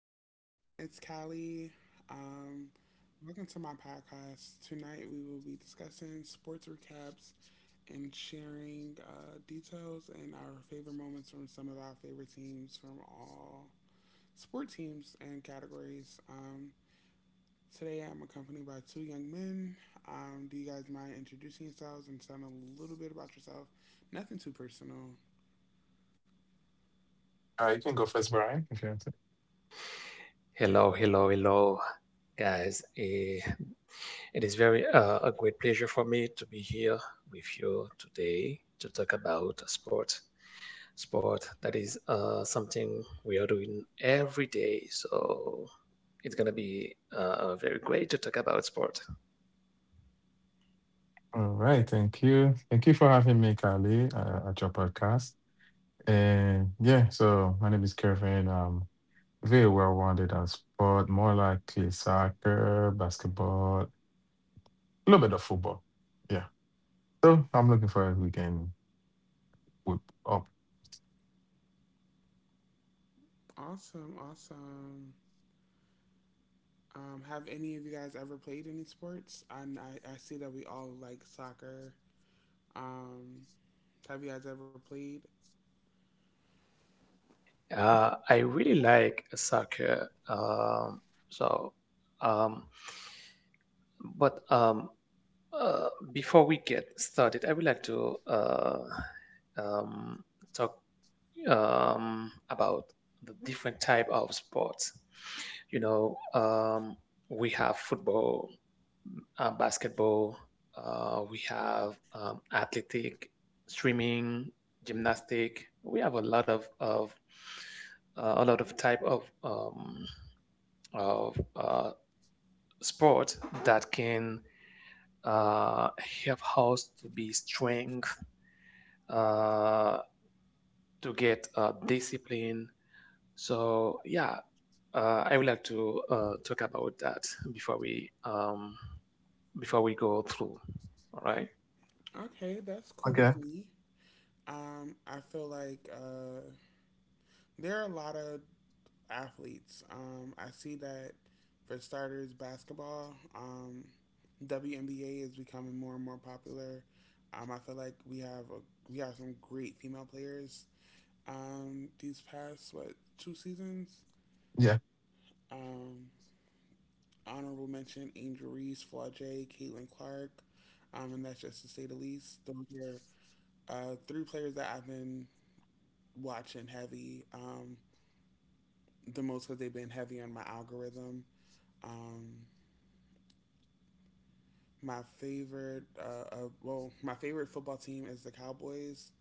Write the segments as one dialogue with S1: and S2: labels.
S1: Hi everyone, it's Callie. Um, Welcome to my podcast. Tonight we will be discussing sports recaps and sharing details and our favorite moments from some of our favorite teams from all sport teams and categories. Today I'm accompanied by two young men. Do you guys mind introducing yourselves and telling a little bit about yourself? Nothing too personal.
S2: Hello, hello, hello, guys. It is very a great pleasure for me to be here with you today to talk about sport. Sport that is something we are doing every day, so it's gonna be very great to talk about sport.
S1: Awesome, awesome. Have any of you guys ever played any sports? And I see that we all like soccer. Um, have you guys ever played?
S2: I really like soccer. So um, But Before we get started, I would like to um, talk about the different type of sports. You know, um, we have football, basketball, we have athletic, swimming, gymnastic. We have a lot of a lot of type of sport that can help us to be strong, uh, to get discipline. So yeah, I would like to talk about that before we um, before we go through. All right.
S1: Okay, that's cool with me. I feel like there are a lot of athletes. I see that for starters, basketball, WNBA is becoming more and more popular. I feel like we have some great female players. These past what two seasons? Um, Honorable mention Angel Reese, Flajay, Caitlin Clark, and that's just to say the least. Those are three players that I've been watching heavy the most because they've been heavy on my algorithm. Um, my favorite football team is the Cowboys.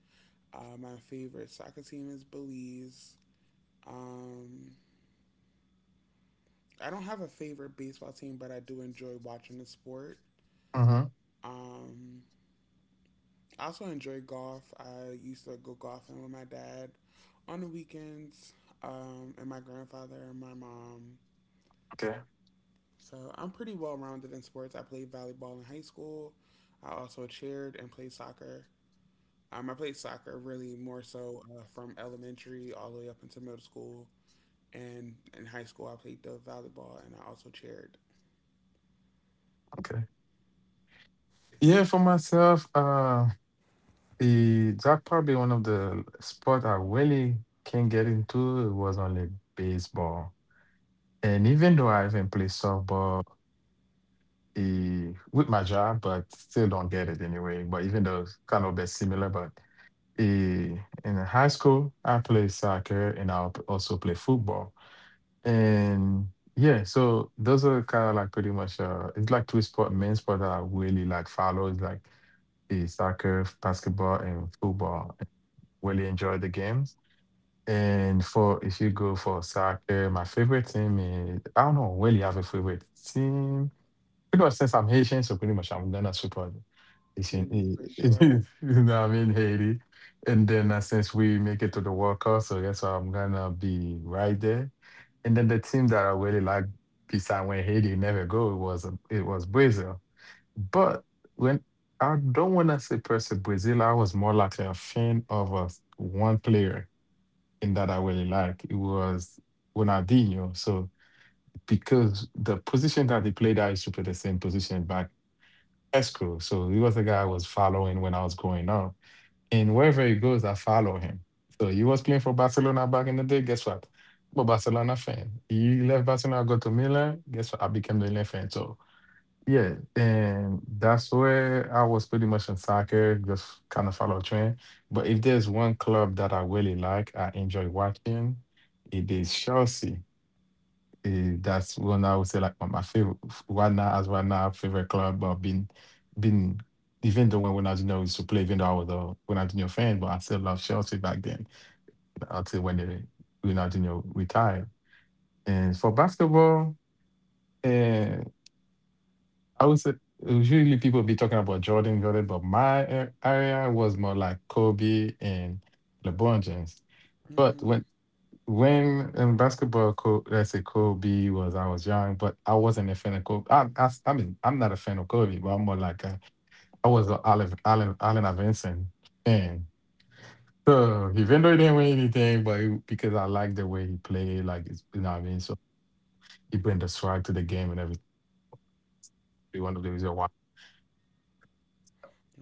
S1: My favorite soccer team is Belize. Um, I don't have a favorite baseball team, but I do enjoy watching the sport. Um, I also enjoy golf. I used to go golfing with my dad on the weekends, and my grandfather and my mom. So I'm pretty well rounded in sports. I played volleyball in high school. I also chaired and played soccer. I played soccer really more so from elementary all the way up into middle school. And in high school, I played the volleyball and I also chaired. Haiti for sure.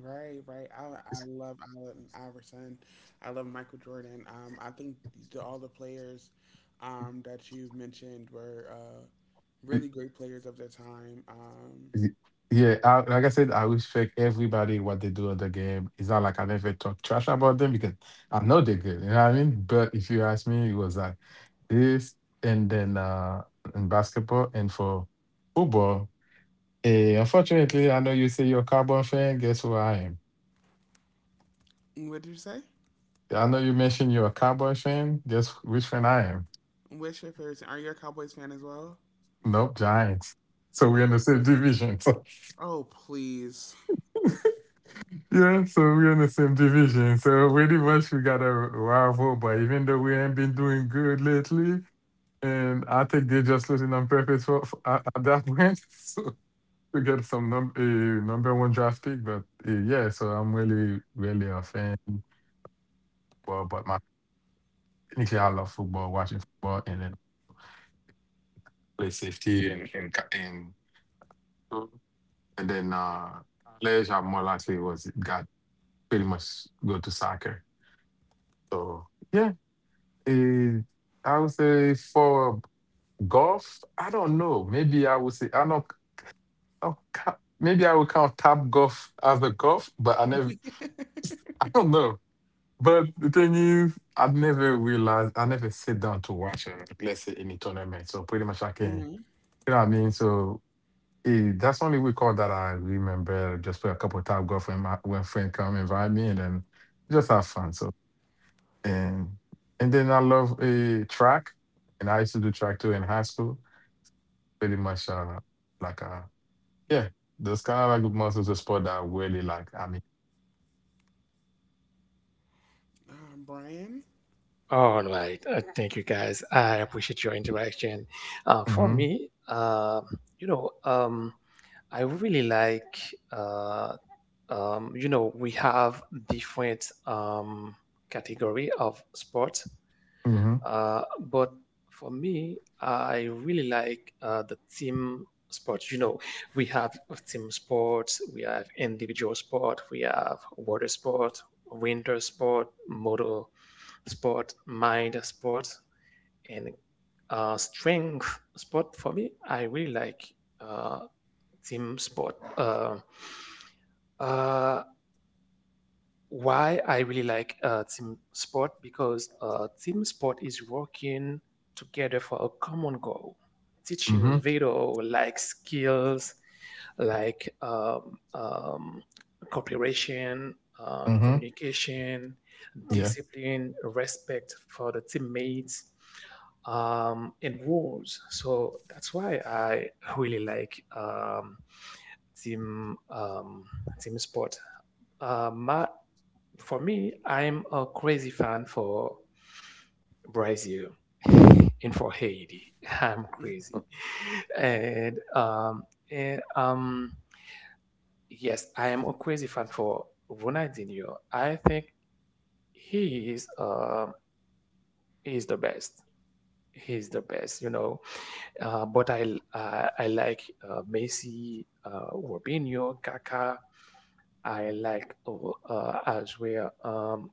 S1: Right, right. I love Allen Iverson. I love Michael Jordan. I think all the players, that you have mentioned were really great players of their time. What did you say? What's your favorite team? Are you a Cowboys fan as well? Oh, oh please. Hmm. Brian,
S2: All right. Thank you, guys. I appreciate your interaction. For me, you know, um, I really like, uh, we have different category of sports, but for me, I really like the team sports. You know, we have team sports, we have individual sport, we have water sport, winter sport, motor sport, mind sport, and strength sport. For me, I really like uh, team sport. 呃，why I really like team sport because team sport is working together for a common goal, teaching video like skills, like cooperation, communication, discipline, respect for the teammates, and rules. So that's why I really like team um, team sport. My for me, I'm a crazy fan for Brazil and for Haiti. I'm crazy. And um and Yes, I am a crazy fan for Ronaldinho. I think he is uh he is the best. He's the best, you know. I like Messi, Robinho, Kaká. I like as well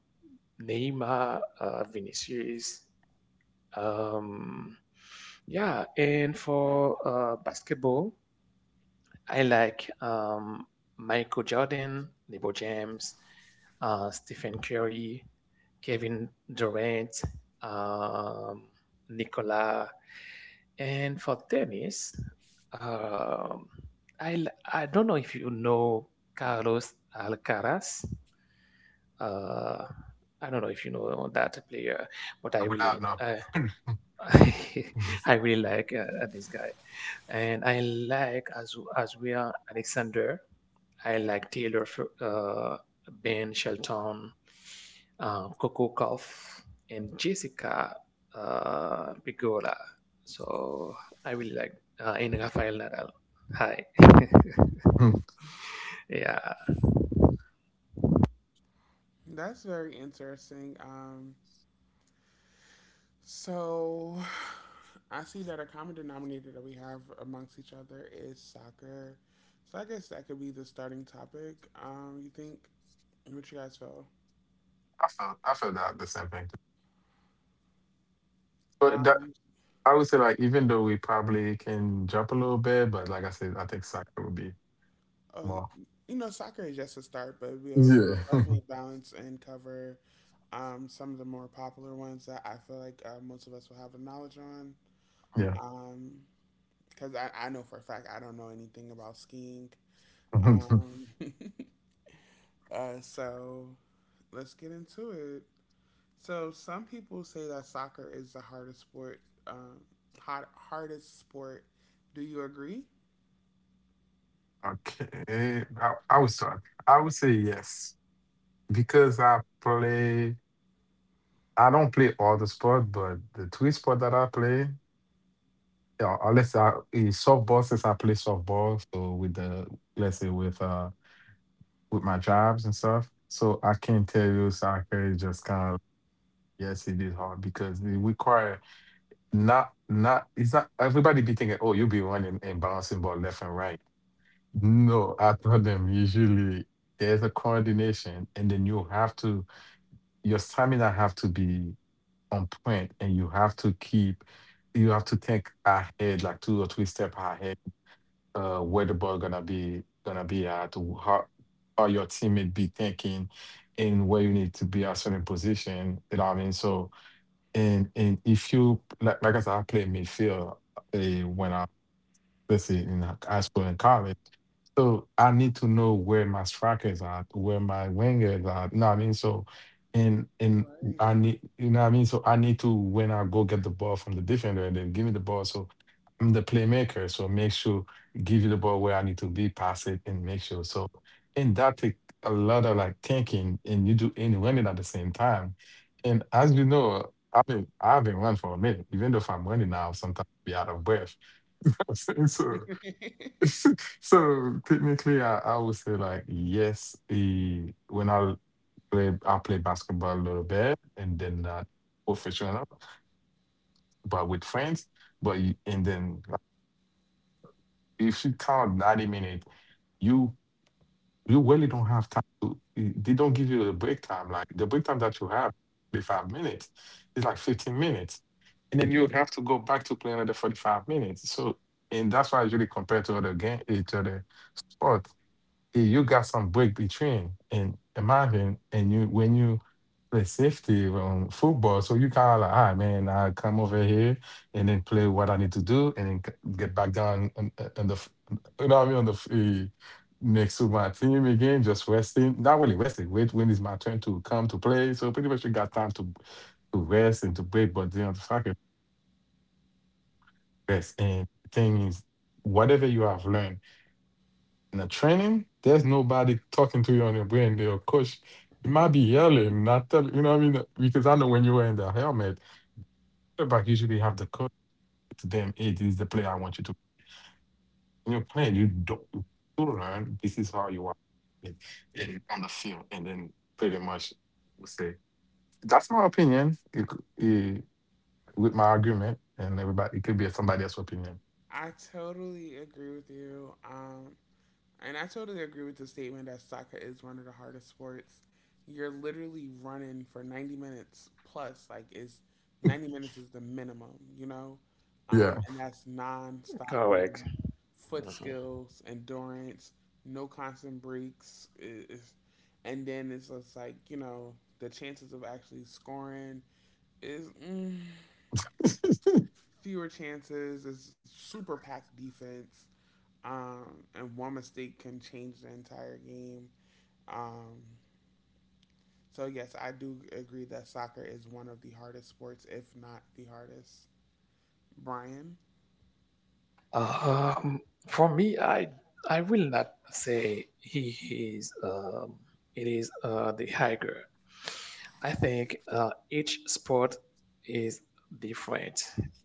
S2: Neymar, Vinicius. Um, yeah, and for basketball, I like Michael Jordan, LeBron James, Stephen Curry, Kevin Durant, um, Nicola, and for tennis, um, I don't know if you know Carlos Alcaraz. Uh, I don't know if you know that player, but I really I I really like this guy, and I like as Azria Alexander. I like Ben Shelton, Coco Golf, and Jessica Pigola. So I really like and Rafael Nadal. Hi, yeah,
S1: that's very interesting. So, I see that a common denominator that we have amongst each other is soccer. So I guess that could be the starting topic. You think what you guys feel? Um, oh, you know, soccer is just a start, but we'll definitely balance and cover some of the more popular ones that I feel like most of us will have the knowledge on. Um, because I know for a fact I don't know anything about skiing. Um, so let's get into it. So some people say that soccer is the hardest sport, um, hardest sport. Do you agree? Right. I totally agree with you. And I totally agree with the statement that soccer is one of the hardest sports. You're literally running for 90 minutes plus, like, is 90 minutes is the minimum, you know? And that's non stop
S2: correct.
S1: running, foot
S2: Mhm.
S1: skills, endurance, no constant breaks. I- is And then it's just like, you know, the chances of actually scoring is fewer chances, it's super packed defense and one mistake can change the entire game. Um, so yes, I do agree that soccer is one of the hardest sports, if not the hardest. Brian,
S2: Um, for me, I will not say he is. It is the higher. I think each sport is different.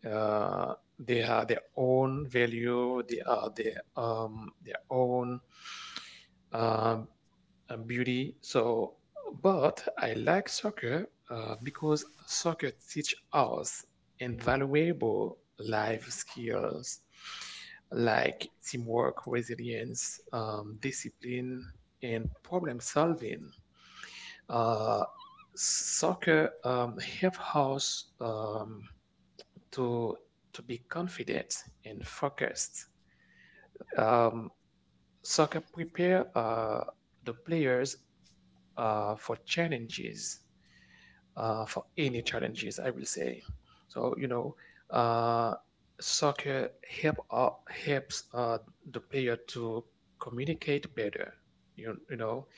S2: They have their own value. They are their own um, beauty. So, but I like soccer because soccer teach us invaluable life skills like teamwork, resilience, discipline, and problem solving. Uh, Soccer help us to to be confident and focused. Um, Soccer prepare the players for challenges, for any challenges, I will say. So you know, uh, soccer helps the player to communicate better. You know,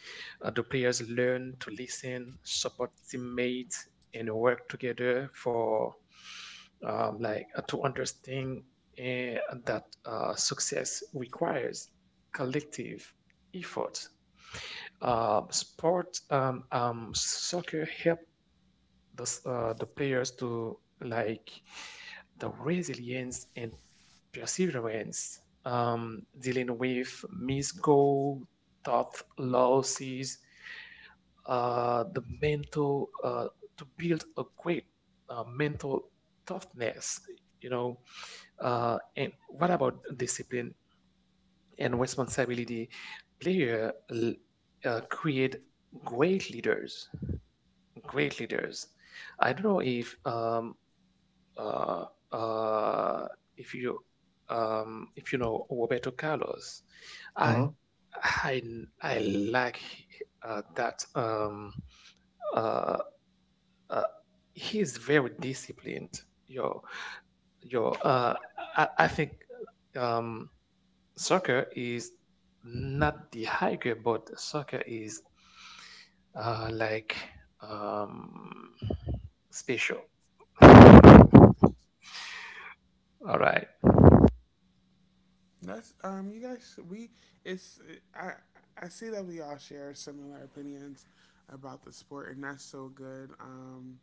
S2: the players learn to listen, support teammates, and work together for to understand uh, that success requires collective effort. Sport Soccer help the s- the players to like the resilience and perseverance, dealing with missed goal, tough losses, the mental to build a great mental toughness. You know, and what about discipline and responsibility? Player l- Create great leaders great leaders. I don't know uh, uh, if you if you know Roberto Carlos. I I I like that uh, uh, he's very disciplined. Yo yo, uh, I think um, soccer is not the higher, but soccer is uh, like um, special. All right.
S1: that's you guys, we it's I I see that we all share similar opinions about the sport, and that's so good.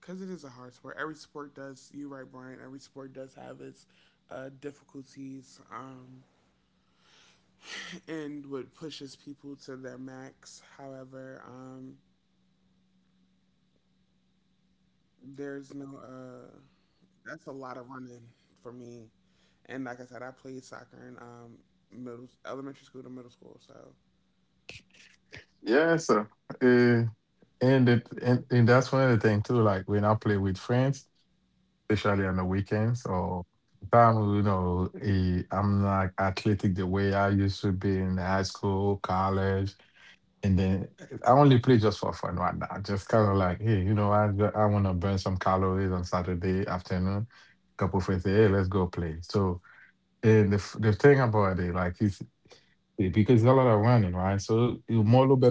S1: Because it is a hard sport. Every sport does. You right, Brian. Every sport does have its difficulties and what pushes people to their max. However, there's no that's a lot of running for me. And like I said, I played soccer in middle, elementary school to middle school. So. Hmm.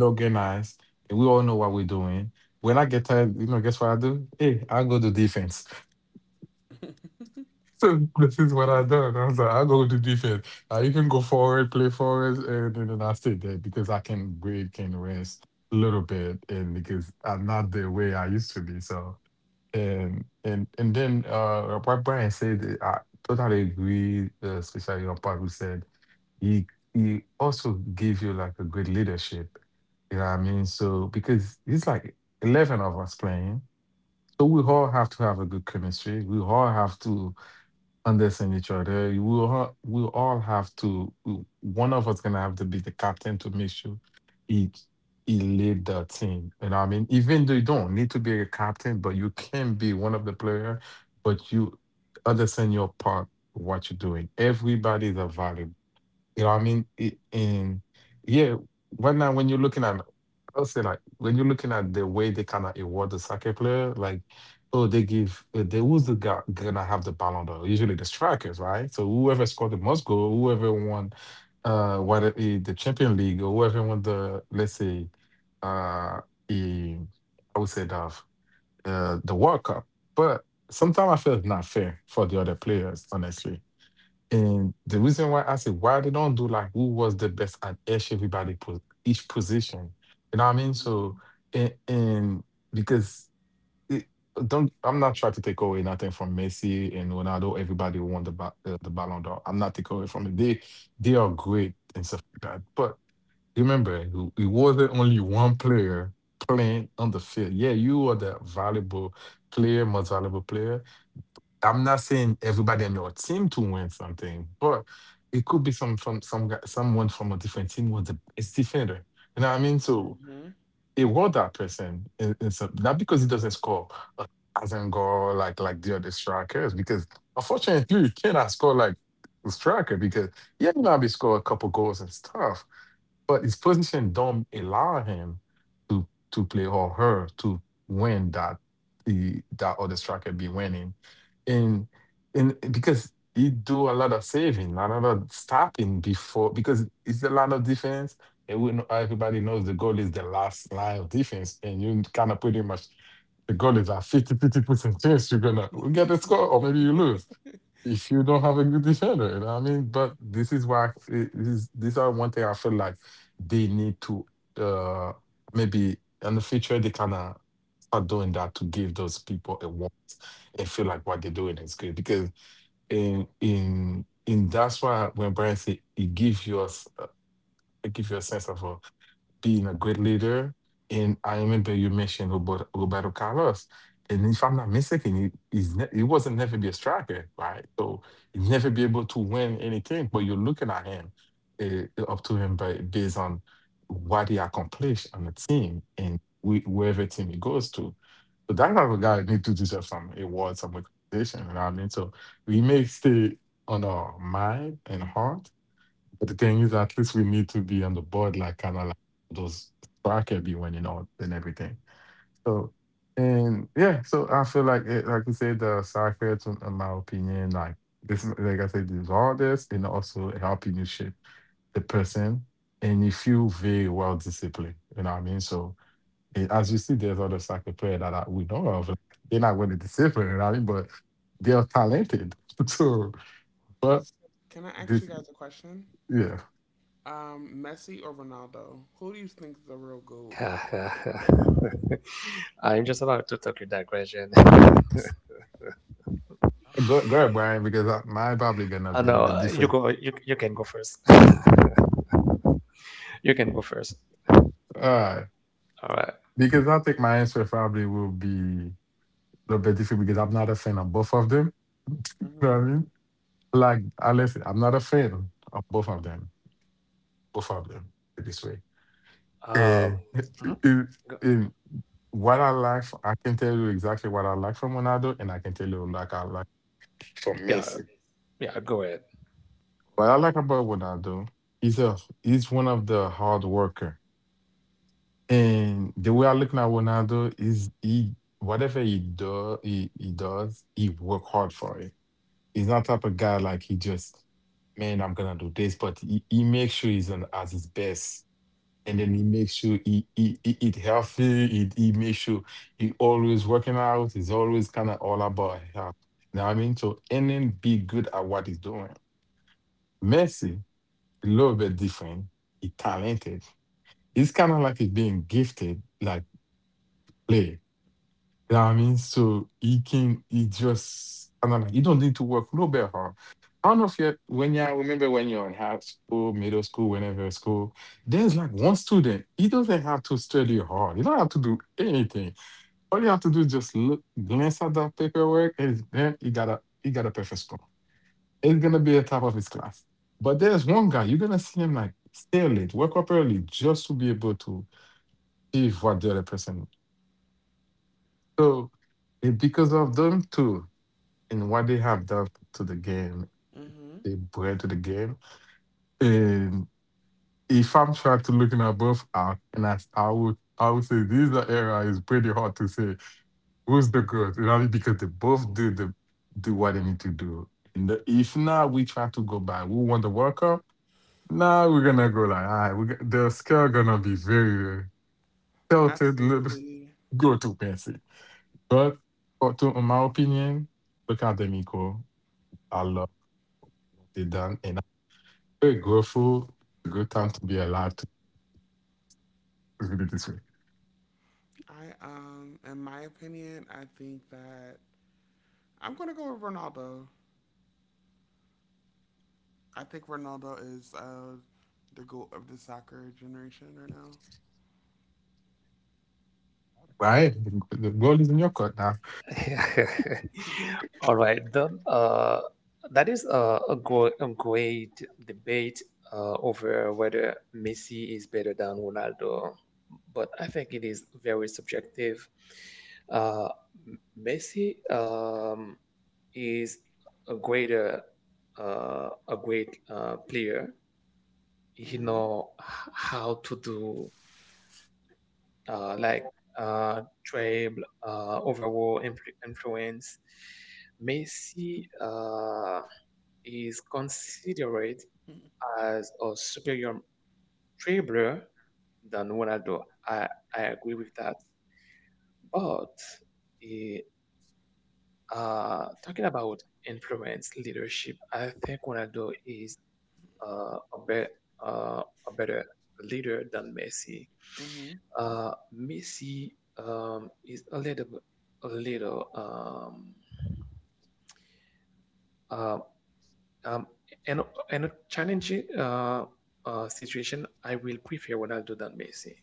S1: Hmm. Hmm. Can I ask you guys a question? Messi or Ronaldo? Who do you think is the real goat?
S2: I'm just about to talk take that question. Oh, no, you go. You can go first. You can go first. All right.
S1: Mhm.
S2: Um. mhm. Go- Yeah. Yeah. Go ahead.
S1: Mhm. Mhm. Absolutely. I in my opinion, I think that I'm gonna go with Ronaldo. I think Ronaldo is the goat of the soccer generation right now.
S2: All right, then that is a great debate over whether Messi is better than Ronaldo, but I think it is very subjective. Uh, Messi is a greater, a great player.
S1: Hmm.
S2: How to do uh, like Trail, overall influence. Messi is considered as a superior dribbler than Ronaldo. I agree with that. But eh, talking about influence, leadership, I think Ronaldo is uh, a, be- a better leader than Messi.
S1: Hmm.
S2: Messi is a little, uh, um, and and a challenging situation. I will prefer Ronaldo than Messi.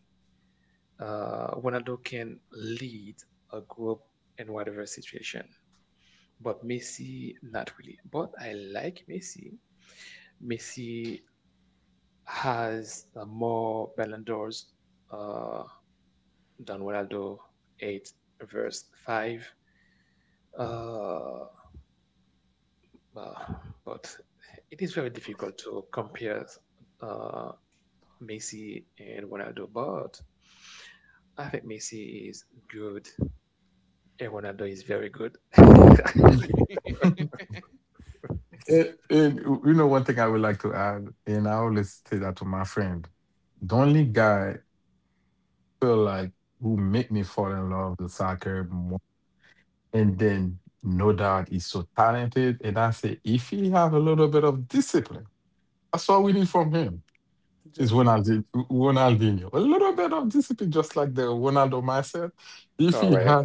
S2: Ronaldo can lead a group in whatever situation, but Messi not really. But I like Messi. Messi has more Ballon d'Ors. Uh, Don Ronaldo 8 verse 5. Uh, but it is very difficult to compare uh, Messi and Ronaldo, but I think Messi is good and Ronaldo is very good.
S1: Just
S2: Correct.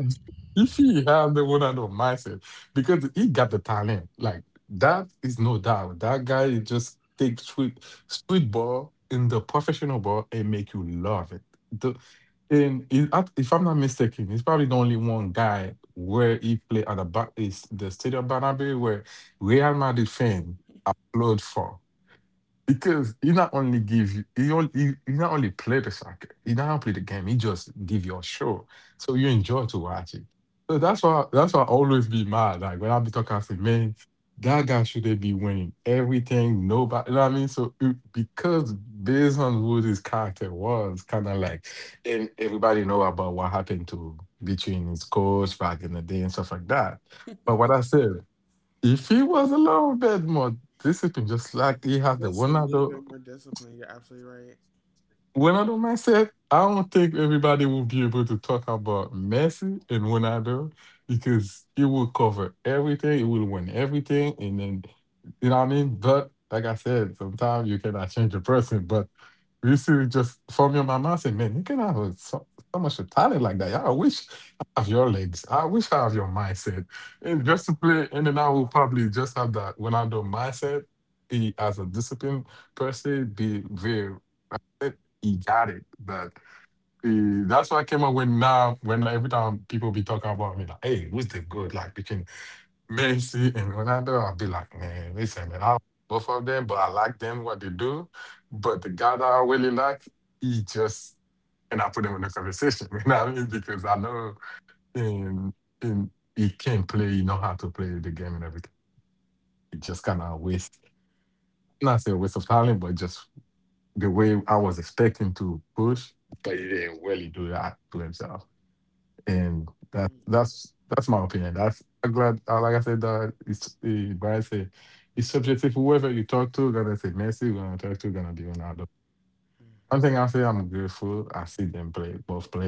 S1: just a little bit more discipline. You're absolutely right.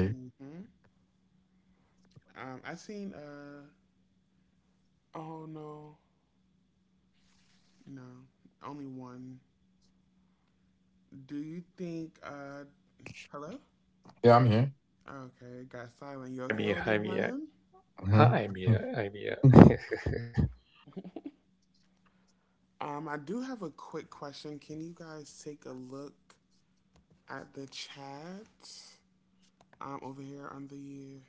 S1: Mm-hmm. I seen uh oh no no Only one. Do you think hello? Okay, got silent. You
S2: I'm here.
S1: okay over
S2: I'm
S1: there,
S2: here.
S1: Brian?
S2: I'm here. I'm here.
S1: I do have a quick question. Can you guys take a look at the chat? Over here on the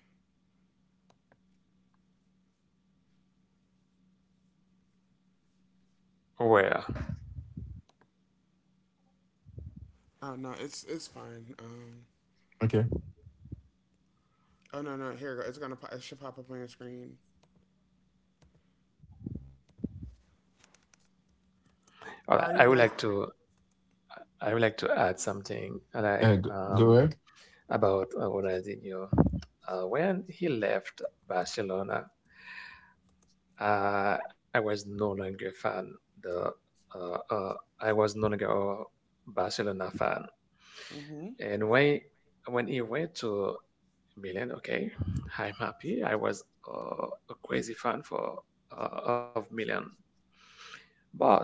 S2: Well,
S1: Oh no, it's fine. Oh no no here it go. It should pop up on your screen.
S2: all right,
S1: How are you guys?
S2: I would like to add something like about Ronaldinho. When he left Barcelona, I was no longer a fan. The uh, uh, I was no longer a Barcelona fan.
S1: Mm-hmm.
S2: And when he went to Milan, okay, I'm happy. I was a crazy fan for of Milan. But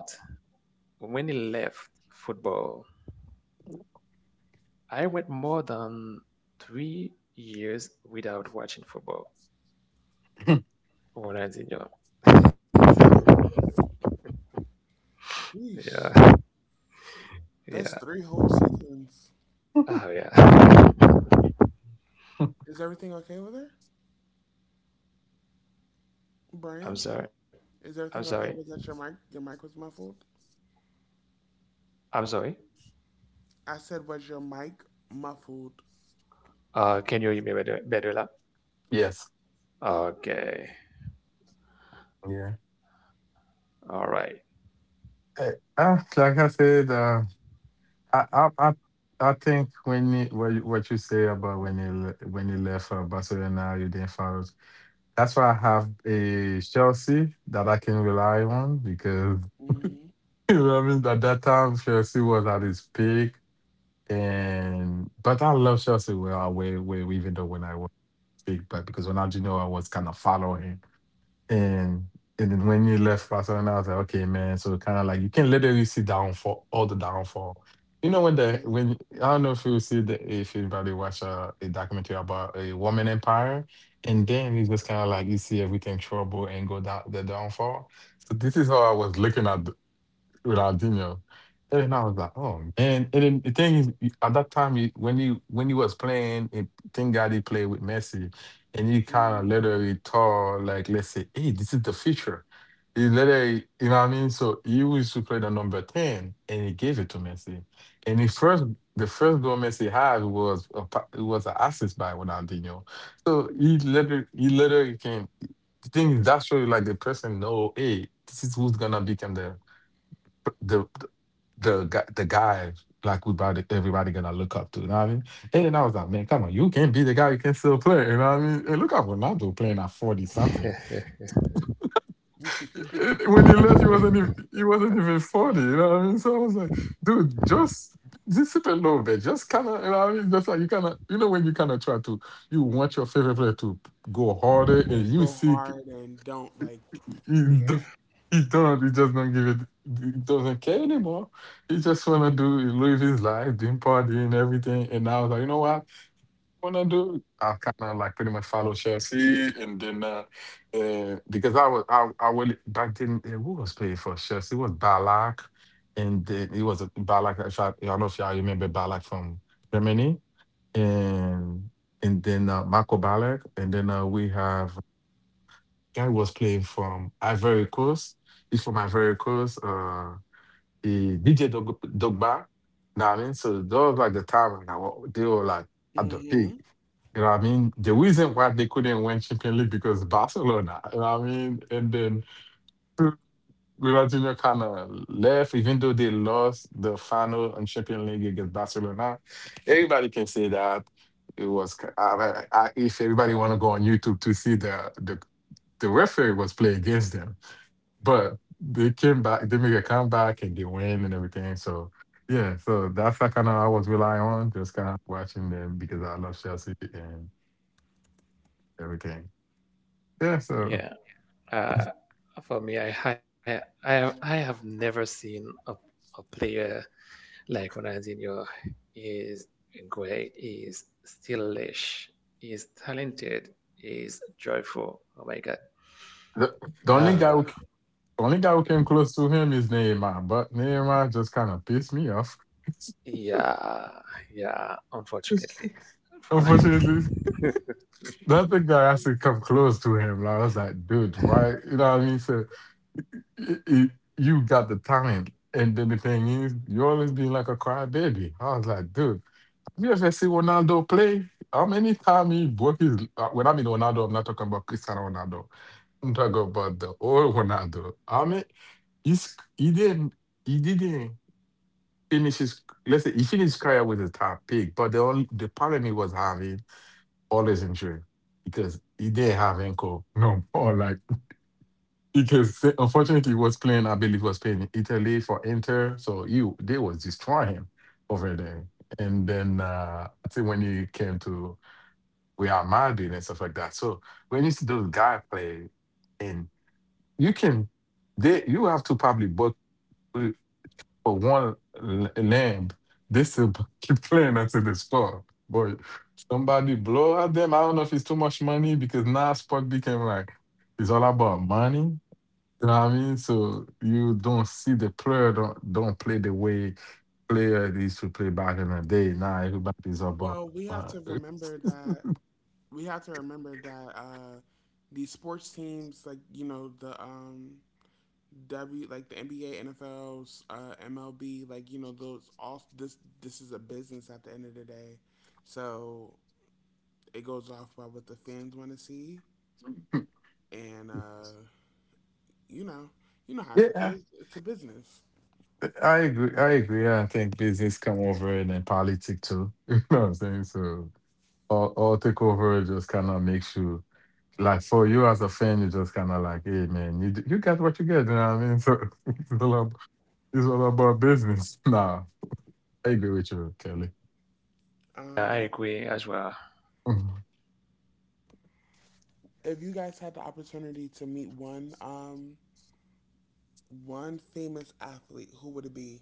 S2: when he left football, I went more than 3 years without watching football. Ronaldinho.
S1: Three years. Sheesh.
S2: Yeah, yeah.
S1: That's three whole seasons.
S2: Oh yeah.
S1: Is everything okay with her,
S2: I'm
S1: Brian?
S2: sorry.
S1: Is
S2: I'm
S1: everything
S2: sorry.
S1: okay? Was that your mic? Your mic was muffled.
S2: I'm sorry.
S1: I said, was your mic muffled?
S2: Can you hear me better lah? Okay. All right.
S1: Mm-hmm. Yeah. Mm-hmm. Go hard and don't like. Yeah. Mm-hmm.
S2: Yeah. Uh, for me, I have never seen a player like Ronaldinho is great, is stylish, is talented, is joyful. Oh my God. Uh, yeah. Yeah. Unfortunately.
S1: Well, we have to remember that these sports teams, like you know the NBA, NFLs, MLB, like you know those all this is a business at the end of the day, so it goes off by what the fans want to see, and you know you know how it goes 'cause it's a business.
S2: I
S1: Um,
S2: agree as well.
S1: if you guys had the opportunity to meet one famous athlete, who would it be?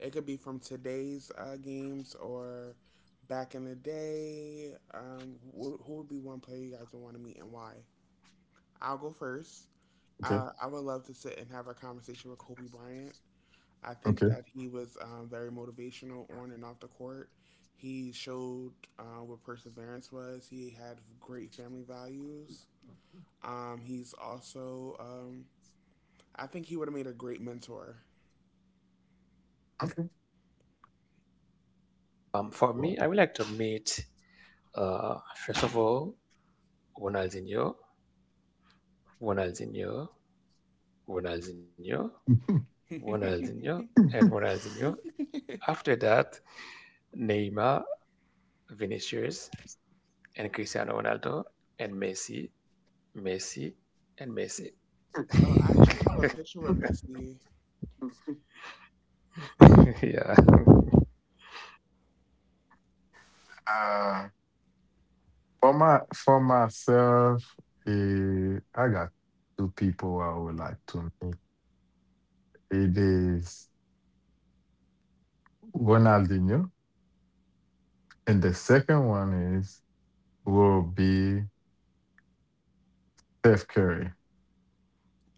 S1: It could be from today's games or back in the day. Who would be one player you guys would want to meet and why? I'll go first. I would love to sit and have a conversation with Kobe Bryant. I think that he was very motivational on and off the court. He showed what perseverance was. He had great family values. Um, he's also, um, I think he would have made a great mentor.
S2: For me, I would like to meet. First of all, Ronaldinho, Ronaldinho, Ronaldinho, Ronaldinho, and Ronaldinho. After that, Neymar, Vinicius, and Cristiano Ronaldo, and Messi, Messi, and Messi.
S1: Oh, I actually have a picture with Messi.
S2: Yeah.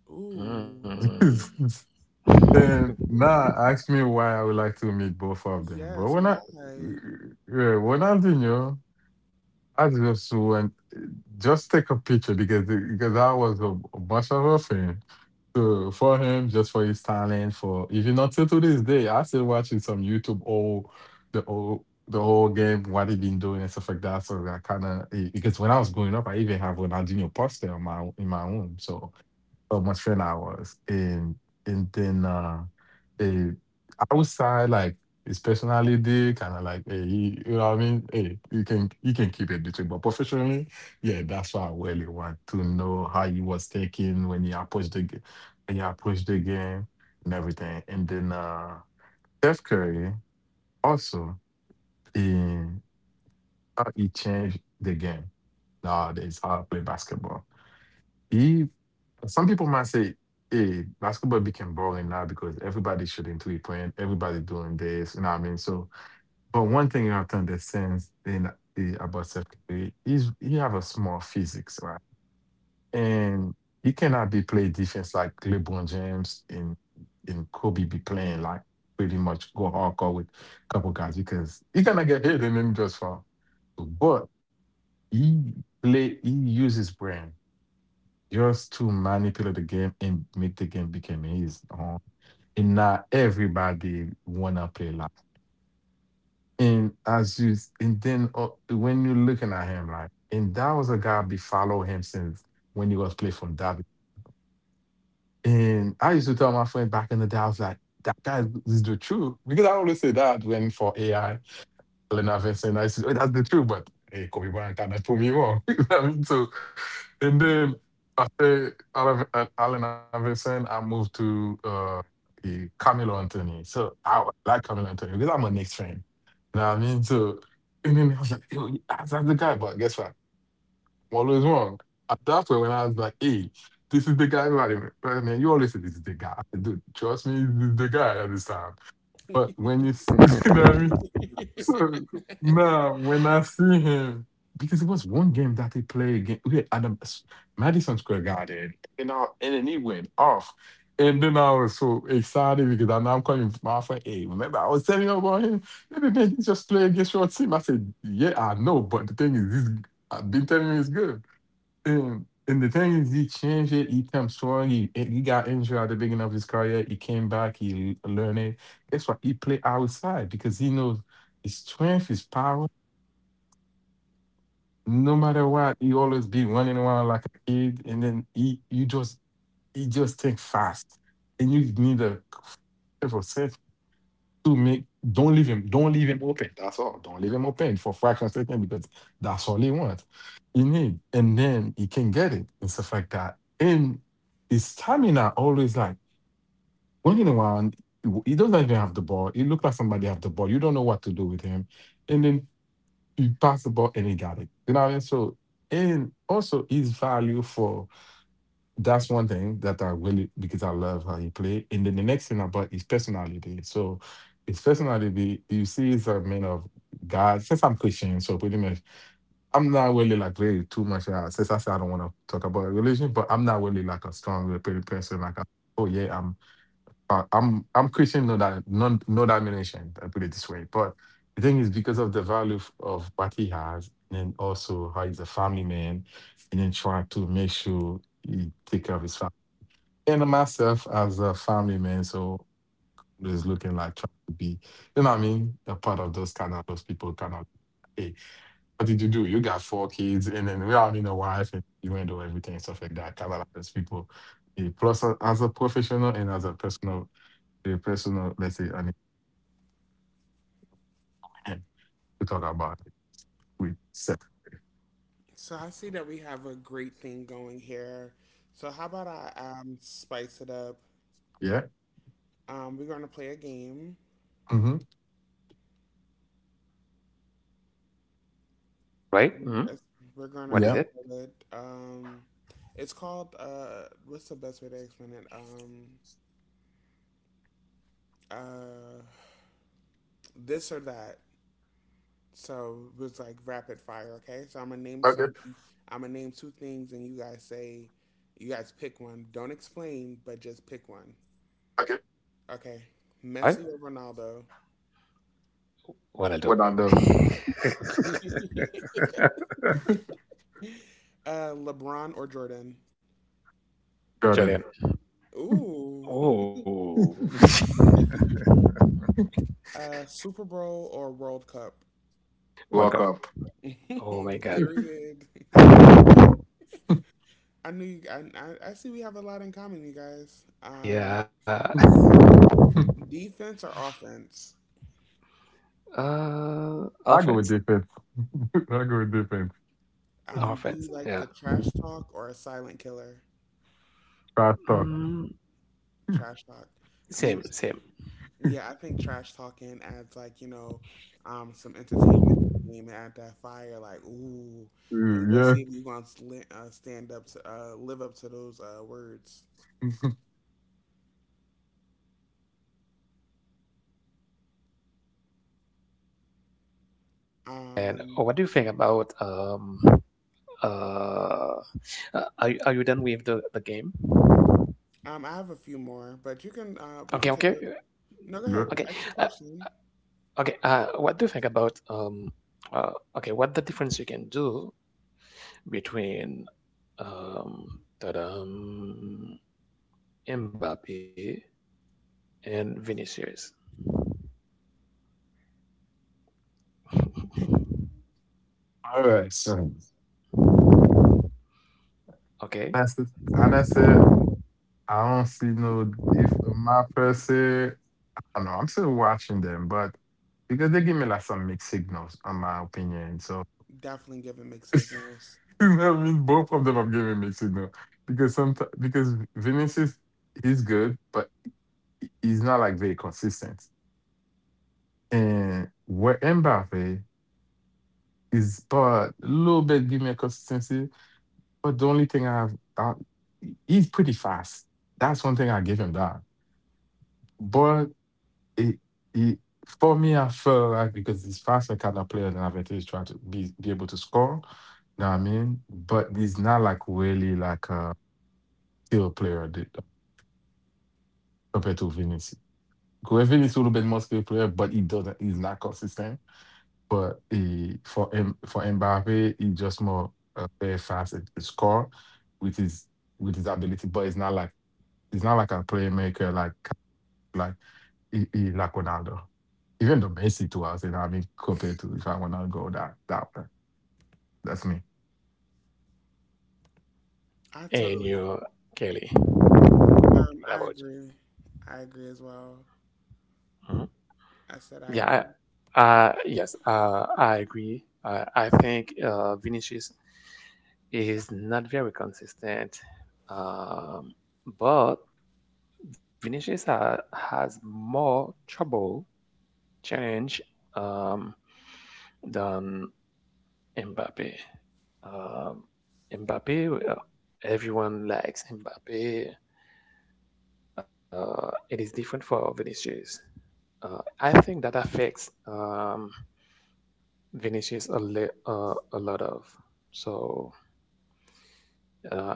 S1: Ooh,
S2: Mm.
S1: yes, why? So I see that we have a great thing going here. So how about I spice it up. We're gonna play a game.
S2: Right?
S1: It's-
S2: Mm.
S1: We're gonna
S2: What is
S1: call
S2: it?
S1: it. It's called. What's the best way to explain it? Uh, this or that. So it was like rapid fire. Okay. So I'm gonna name some. I'm gonna name two things, and you guys pick one. Don't explain, but just pick one. Okay.
S2: Right?
S1: Messi or Ronaldo?
S2: Ronaldo,
S1: LeBron or Jordan?
S2: Julian.
S1: Ooh.
S2: Oh,
S1: Super Bowl or World Cup?
S2: World Cup. Oh my God.
S1: Period. I knew you. I see we have a lot in common, you guys.
S2: Yeah.
S1: Defense or offense?
S2: Offense.
S1: Do
S2: Our
S1: you
S2: friends,
S1: like the
S2: yeah.
S1: trash talk or a silent killer?
S2: Mm,
S1: Trash talk. I mean,
S2: same, same.
S1: yeah, I think trash talking adds like you know, some entertainment to the game and add that fire. Like, ooh, like let's see if you gonna stand up to live up to those words.
S2: And oh,
S1: Um,
S2: what do you think about uh are you done with the game?
S1: I have a few more, but you can
S2: Okay,
S1: we can
S2: okay,
S1: take a no. Go
S2: okay,
S1: ahead.
S2: uh,
S1: Ask your question.
S2: okay. What do you think about um? Okay, what the difference you can do between tadam, Mbappe and Vinicius? Okay,
S1: Definitely giving mixed signals. I
S2: and
S1: totally,
S2: you, Kelly. What
S1: I
S2: about you?
S1: agree. I agree as well.
S2: Hmm?
S1: I said I
S2: Yeah,
S1: agree.
S2: yes, I agree. I think Vinicius is not very consistent, um, but Vinicius ha has more trouble, challenge, um, than Mbappe. Um, Mbappe, everyone likes Mbappe. It is different for Vinicius. I think that affects Vinicius a lot of. So uh,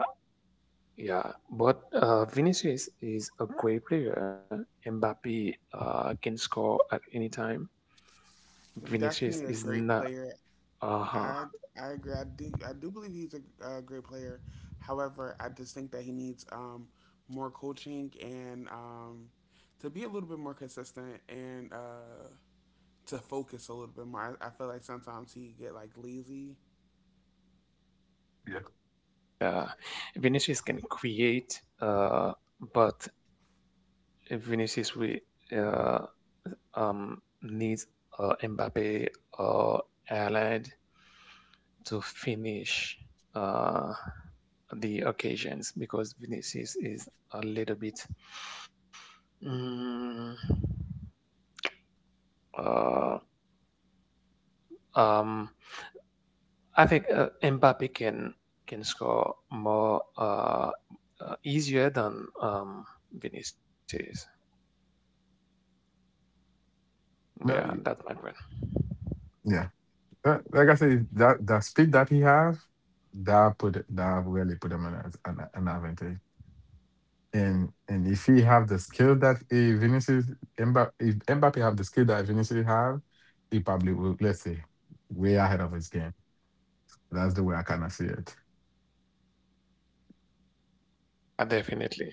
S2: yeah, but Vinicius is a great player. Mbappe can score at any time. Vinicius
S1: Definitely a
S2: is
S1: great
S2: not.
S1: player.
S2: Uh-huh.
S1: I I agree. I do believe he's a great player. However, I just think that he needs more coaching and to be a little bit more consistent and to focus a little bit more. I feel like sometimes he get like lazy.
S2: Vinicius can create, but Vinicius we uh, needs Mbappe or Ireland to finish uh, the occasions because Vinicius is a little bit. Mm, uh, um, I think Mbappe can score more easier than Vinicius. Yeah, that's my point. Definitely.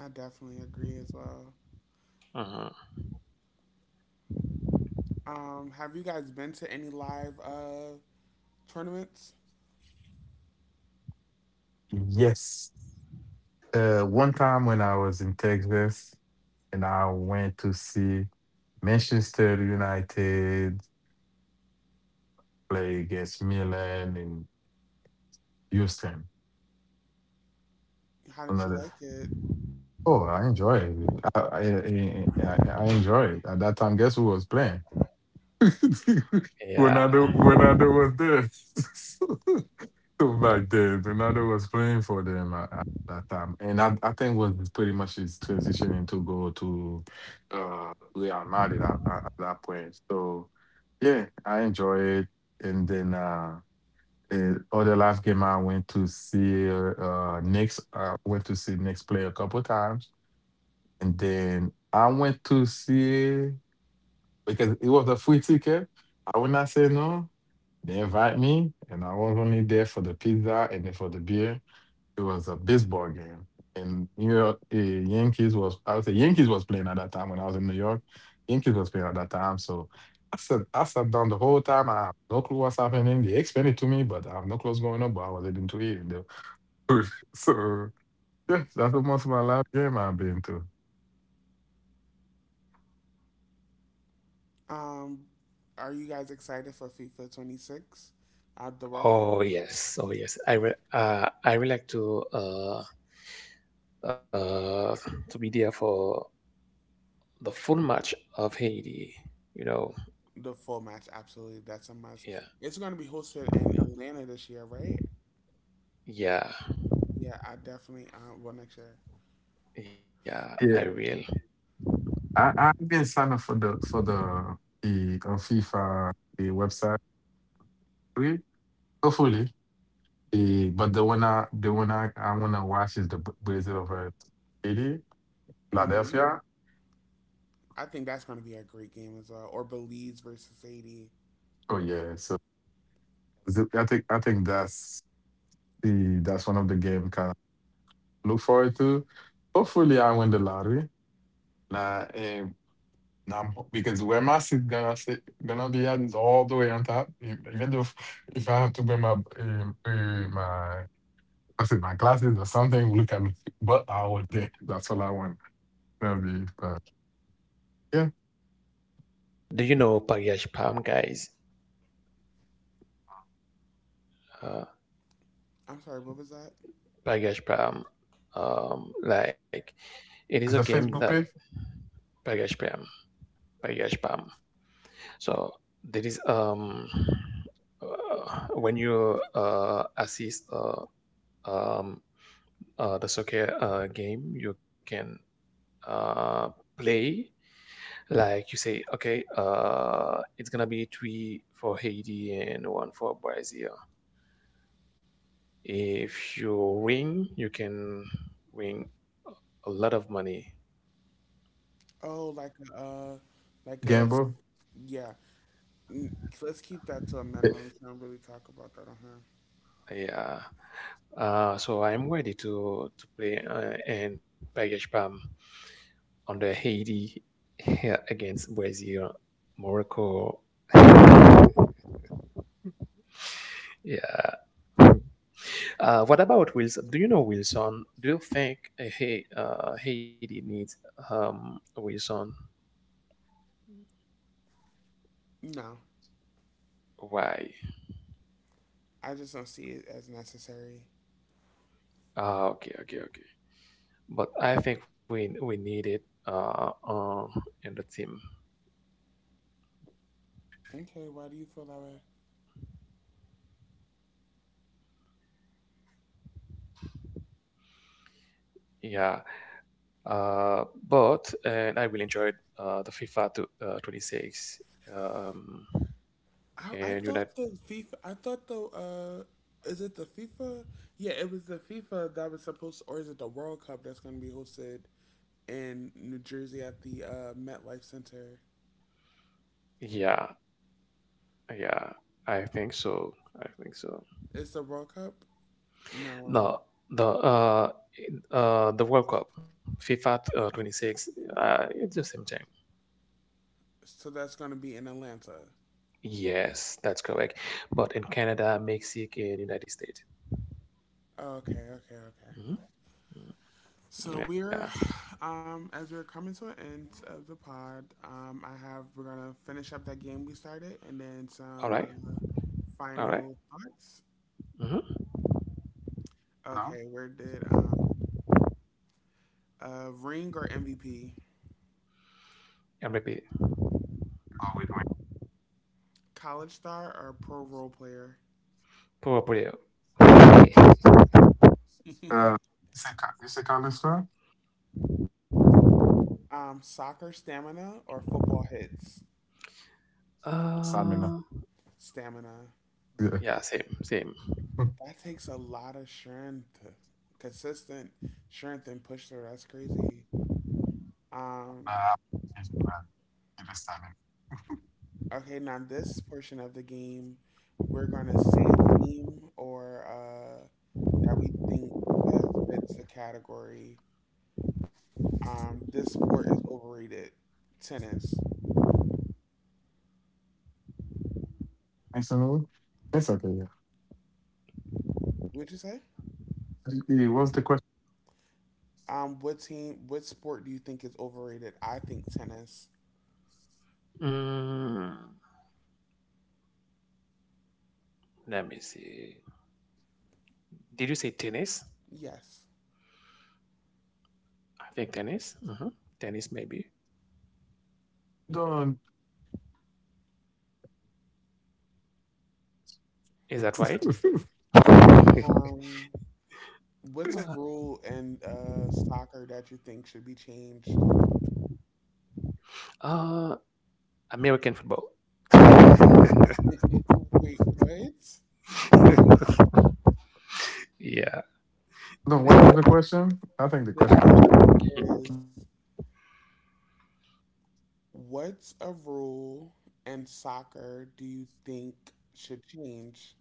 S1: I definitely agree as well.
S2: Hmm
S1: Have you guys been to any live tournaments? How did you like it?
S2: Yeah.
S1: Um, are you guys excited for FIFA 26? Uh, the work,
S2: Oh yes. Oh yes. I will. I would like uh, to be there for the full match of Haiti. You know.
S1: the full match, absolutely. That's a must.
S2: Yeah.
S1: It's going to be hosted in Atlanta this year, right?
S2: Yeah.
S1: Yeah, I definitely. Well, next year.
S2: Yeah. I will.
S1: Hmm. I think that's going to be a great game as well. Or Belize versus Haiti.
S2: Do you know Pagash Palm, guys? Uh,
S1: I'm sorry, what was that?
S2: Pagash Palm. Like it is a game that Pagash Palm. Pagash Palm. So there is When you assist um, the soccer game you can uh, play. Like you say, okay, it's gonna be three for Haiti and one for Brazil. If you win, you can win a lot of money.
S1: Oh, like a, uh, like a, yeah. Mm, Let's keep that to a minimum. We can't really talk about that on here.
S2: Yeah. So I'm ready to play and package Pam on the Haiti here against Brazil, Morocco. Yeah. What about Wilson? Do you know Wilson? Do you think Haiti needs Wilson?
S1: No,
S2: Why?
S1: I just don't see it as necessary.
S2: Okay, okay, okay. But I think we need it in the team.
S1: Okay, why do you feel that way?
S2: Yeah. But and I really enjoyed the FIFA to, 26. Um,
S1: I
S2: and you that
S1: thought the FIFA. I thought the is it the FIFA? Yeah, it was the FIFA that was supposed, or is it the World Cup that's going to be hosted in New Jersey at the MetLife Center?
S2: Yeah, yeah, I think so, I think so.
S1: Is the World Cup?
S2: No
S1: No,
S2: the The World Cup, FIFA 26, it's the same thing.
S1: so that's going to be in Atlanta.
S2: Yes, that's correct. But in Canada, Mexico, and United States.
S1: Oh, okay, okay, okay.
S2: Mhm. Mm.
S1: So
S2: Yeah.
S1: as we're coming to an end of the pod, I have we're gonna finish up that game we started, and then
S2: All
S1: some
S2: right. All right.
S1: final thoughts.
S2: Mm-hmm.
S1: Okay, where did ring or MVP?
S2: I'm repeat.
S1: College star or pro role player?
S2: Proprio.
S1: Soccer stamina or football hits?
S2: Uh,
S1: Stamina.
S2: yeah, same, same.
S1: That takes a lot of strength. Consistent strength and push through. That's crazy. Um, okay, now this portion of the game, we're gonna say a team or that we think best fits the category. This sport is overrated. Tennis. Would you say? What sport do you think is overrated? I think tennis.
S2: Mm, let me see. Did you say tennis?
S1: Yes.
S2: I think tennis. Hmm. Tennis, maybe. Is that right?
S1: Um, what's a
S2: Uh,
S1: rule in soccer that you think should be changed?
S2: uh, American football.
S1: Wait, what?
S2: Yeah.
S1: The question is, what's a rule in soccer do you think should change?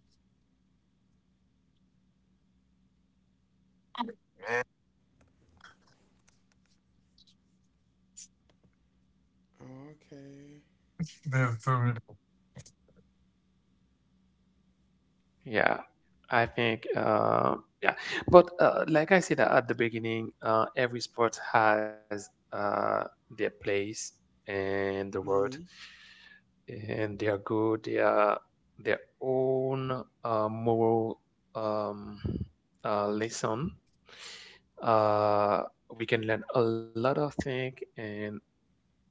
S1: Okay.
S2: Yeah, I think, yeah. But like I said at the beginning, every sport has their place in the world,
S1: Hmm.
S2: and they are good. They are their own moral um, lesson. Uh, we can learn a lot of things and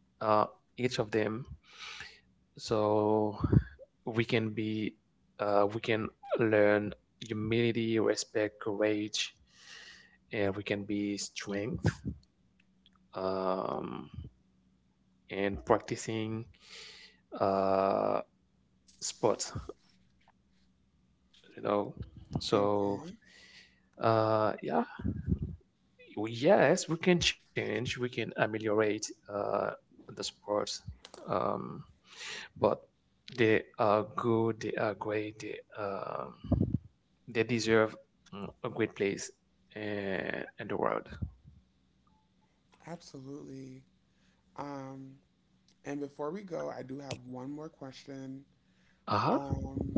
S2: uh, each of them, so we can be we can learn humility, respect, courage, and we can be strength, um, and practicing uh, sports, you know. So
S1: Okay.
S2: yeah. Well, yes, we can change, we can ameliorate the sports, um, but they are good, they are great, they deserve a great place in the world.
S1: Absolutely. Um, and before we go, I do have one more question.
S2: Uh-huh.
S1: Um,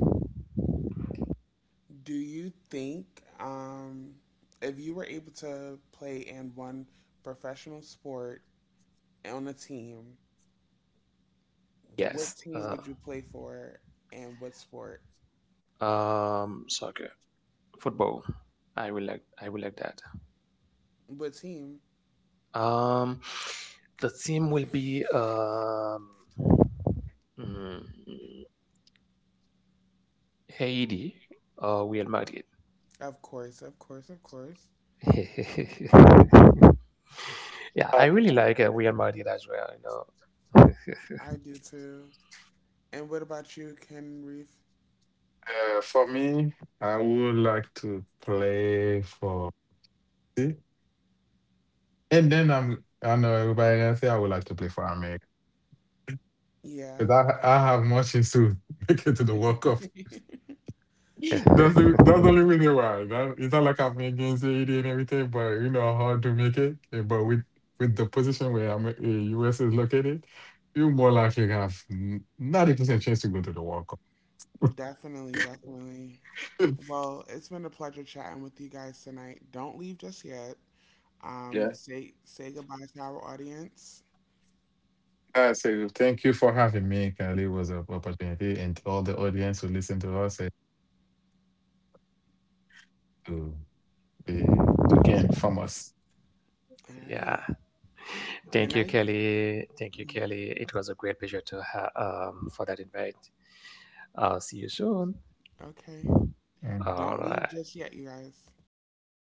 S1: Do you think um, if you were able to play in one professional sport on a team,
S2: Yes,
S1: what team would you play for and what sport?
S2: soccer, football. I will like that.
S1: What team?
S2: Um, the team will be mm, Haiti or Real Madrid.
S1: Of course, of course, of course.
S2: Yeah, I really like We Are as well, you
S1: I do too. And what about you, Ken Reef? Yeah,
S2: know.
S1: definitely, definitely. Well, it's been a pleasure chatting with you guys tonight. Don't leave just yet. Say goodbye to our audience. All
S2: Yeah,
S1: right. Good
S2: thank you,
S1: night.
S2: Kelly. Thank you, Kelly. It was a great pleasure to have for that invite. I'll see you soon.
S1: Okay.
S2: All
S1: Don't leave
S2: right.
S1: just yet, you guys.
S2: All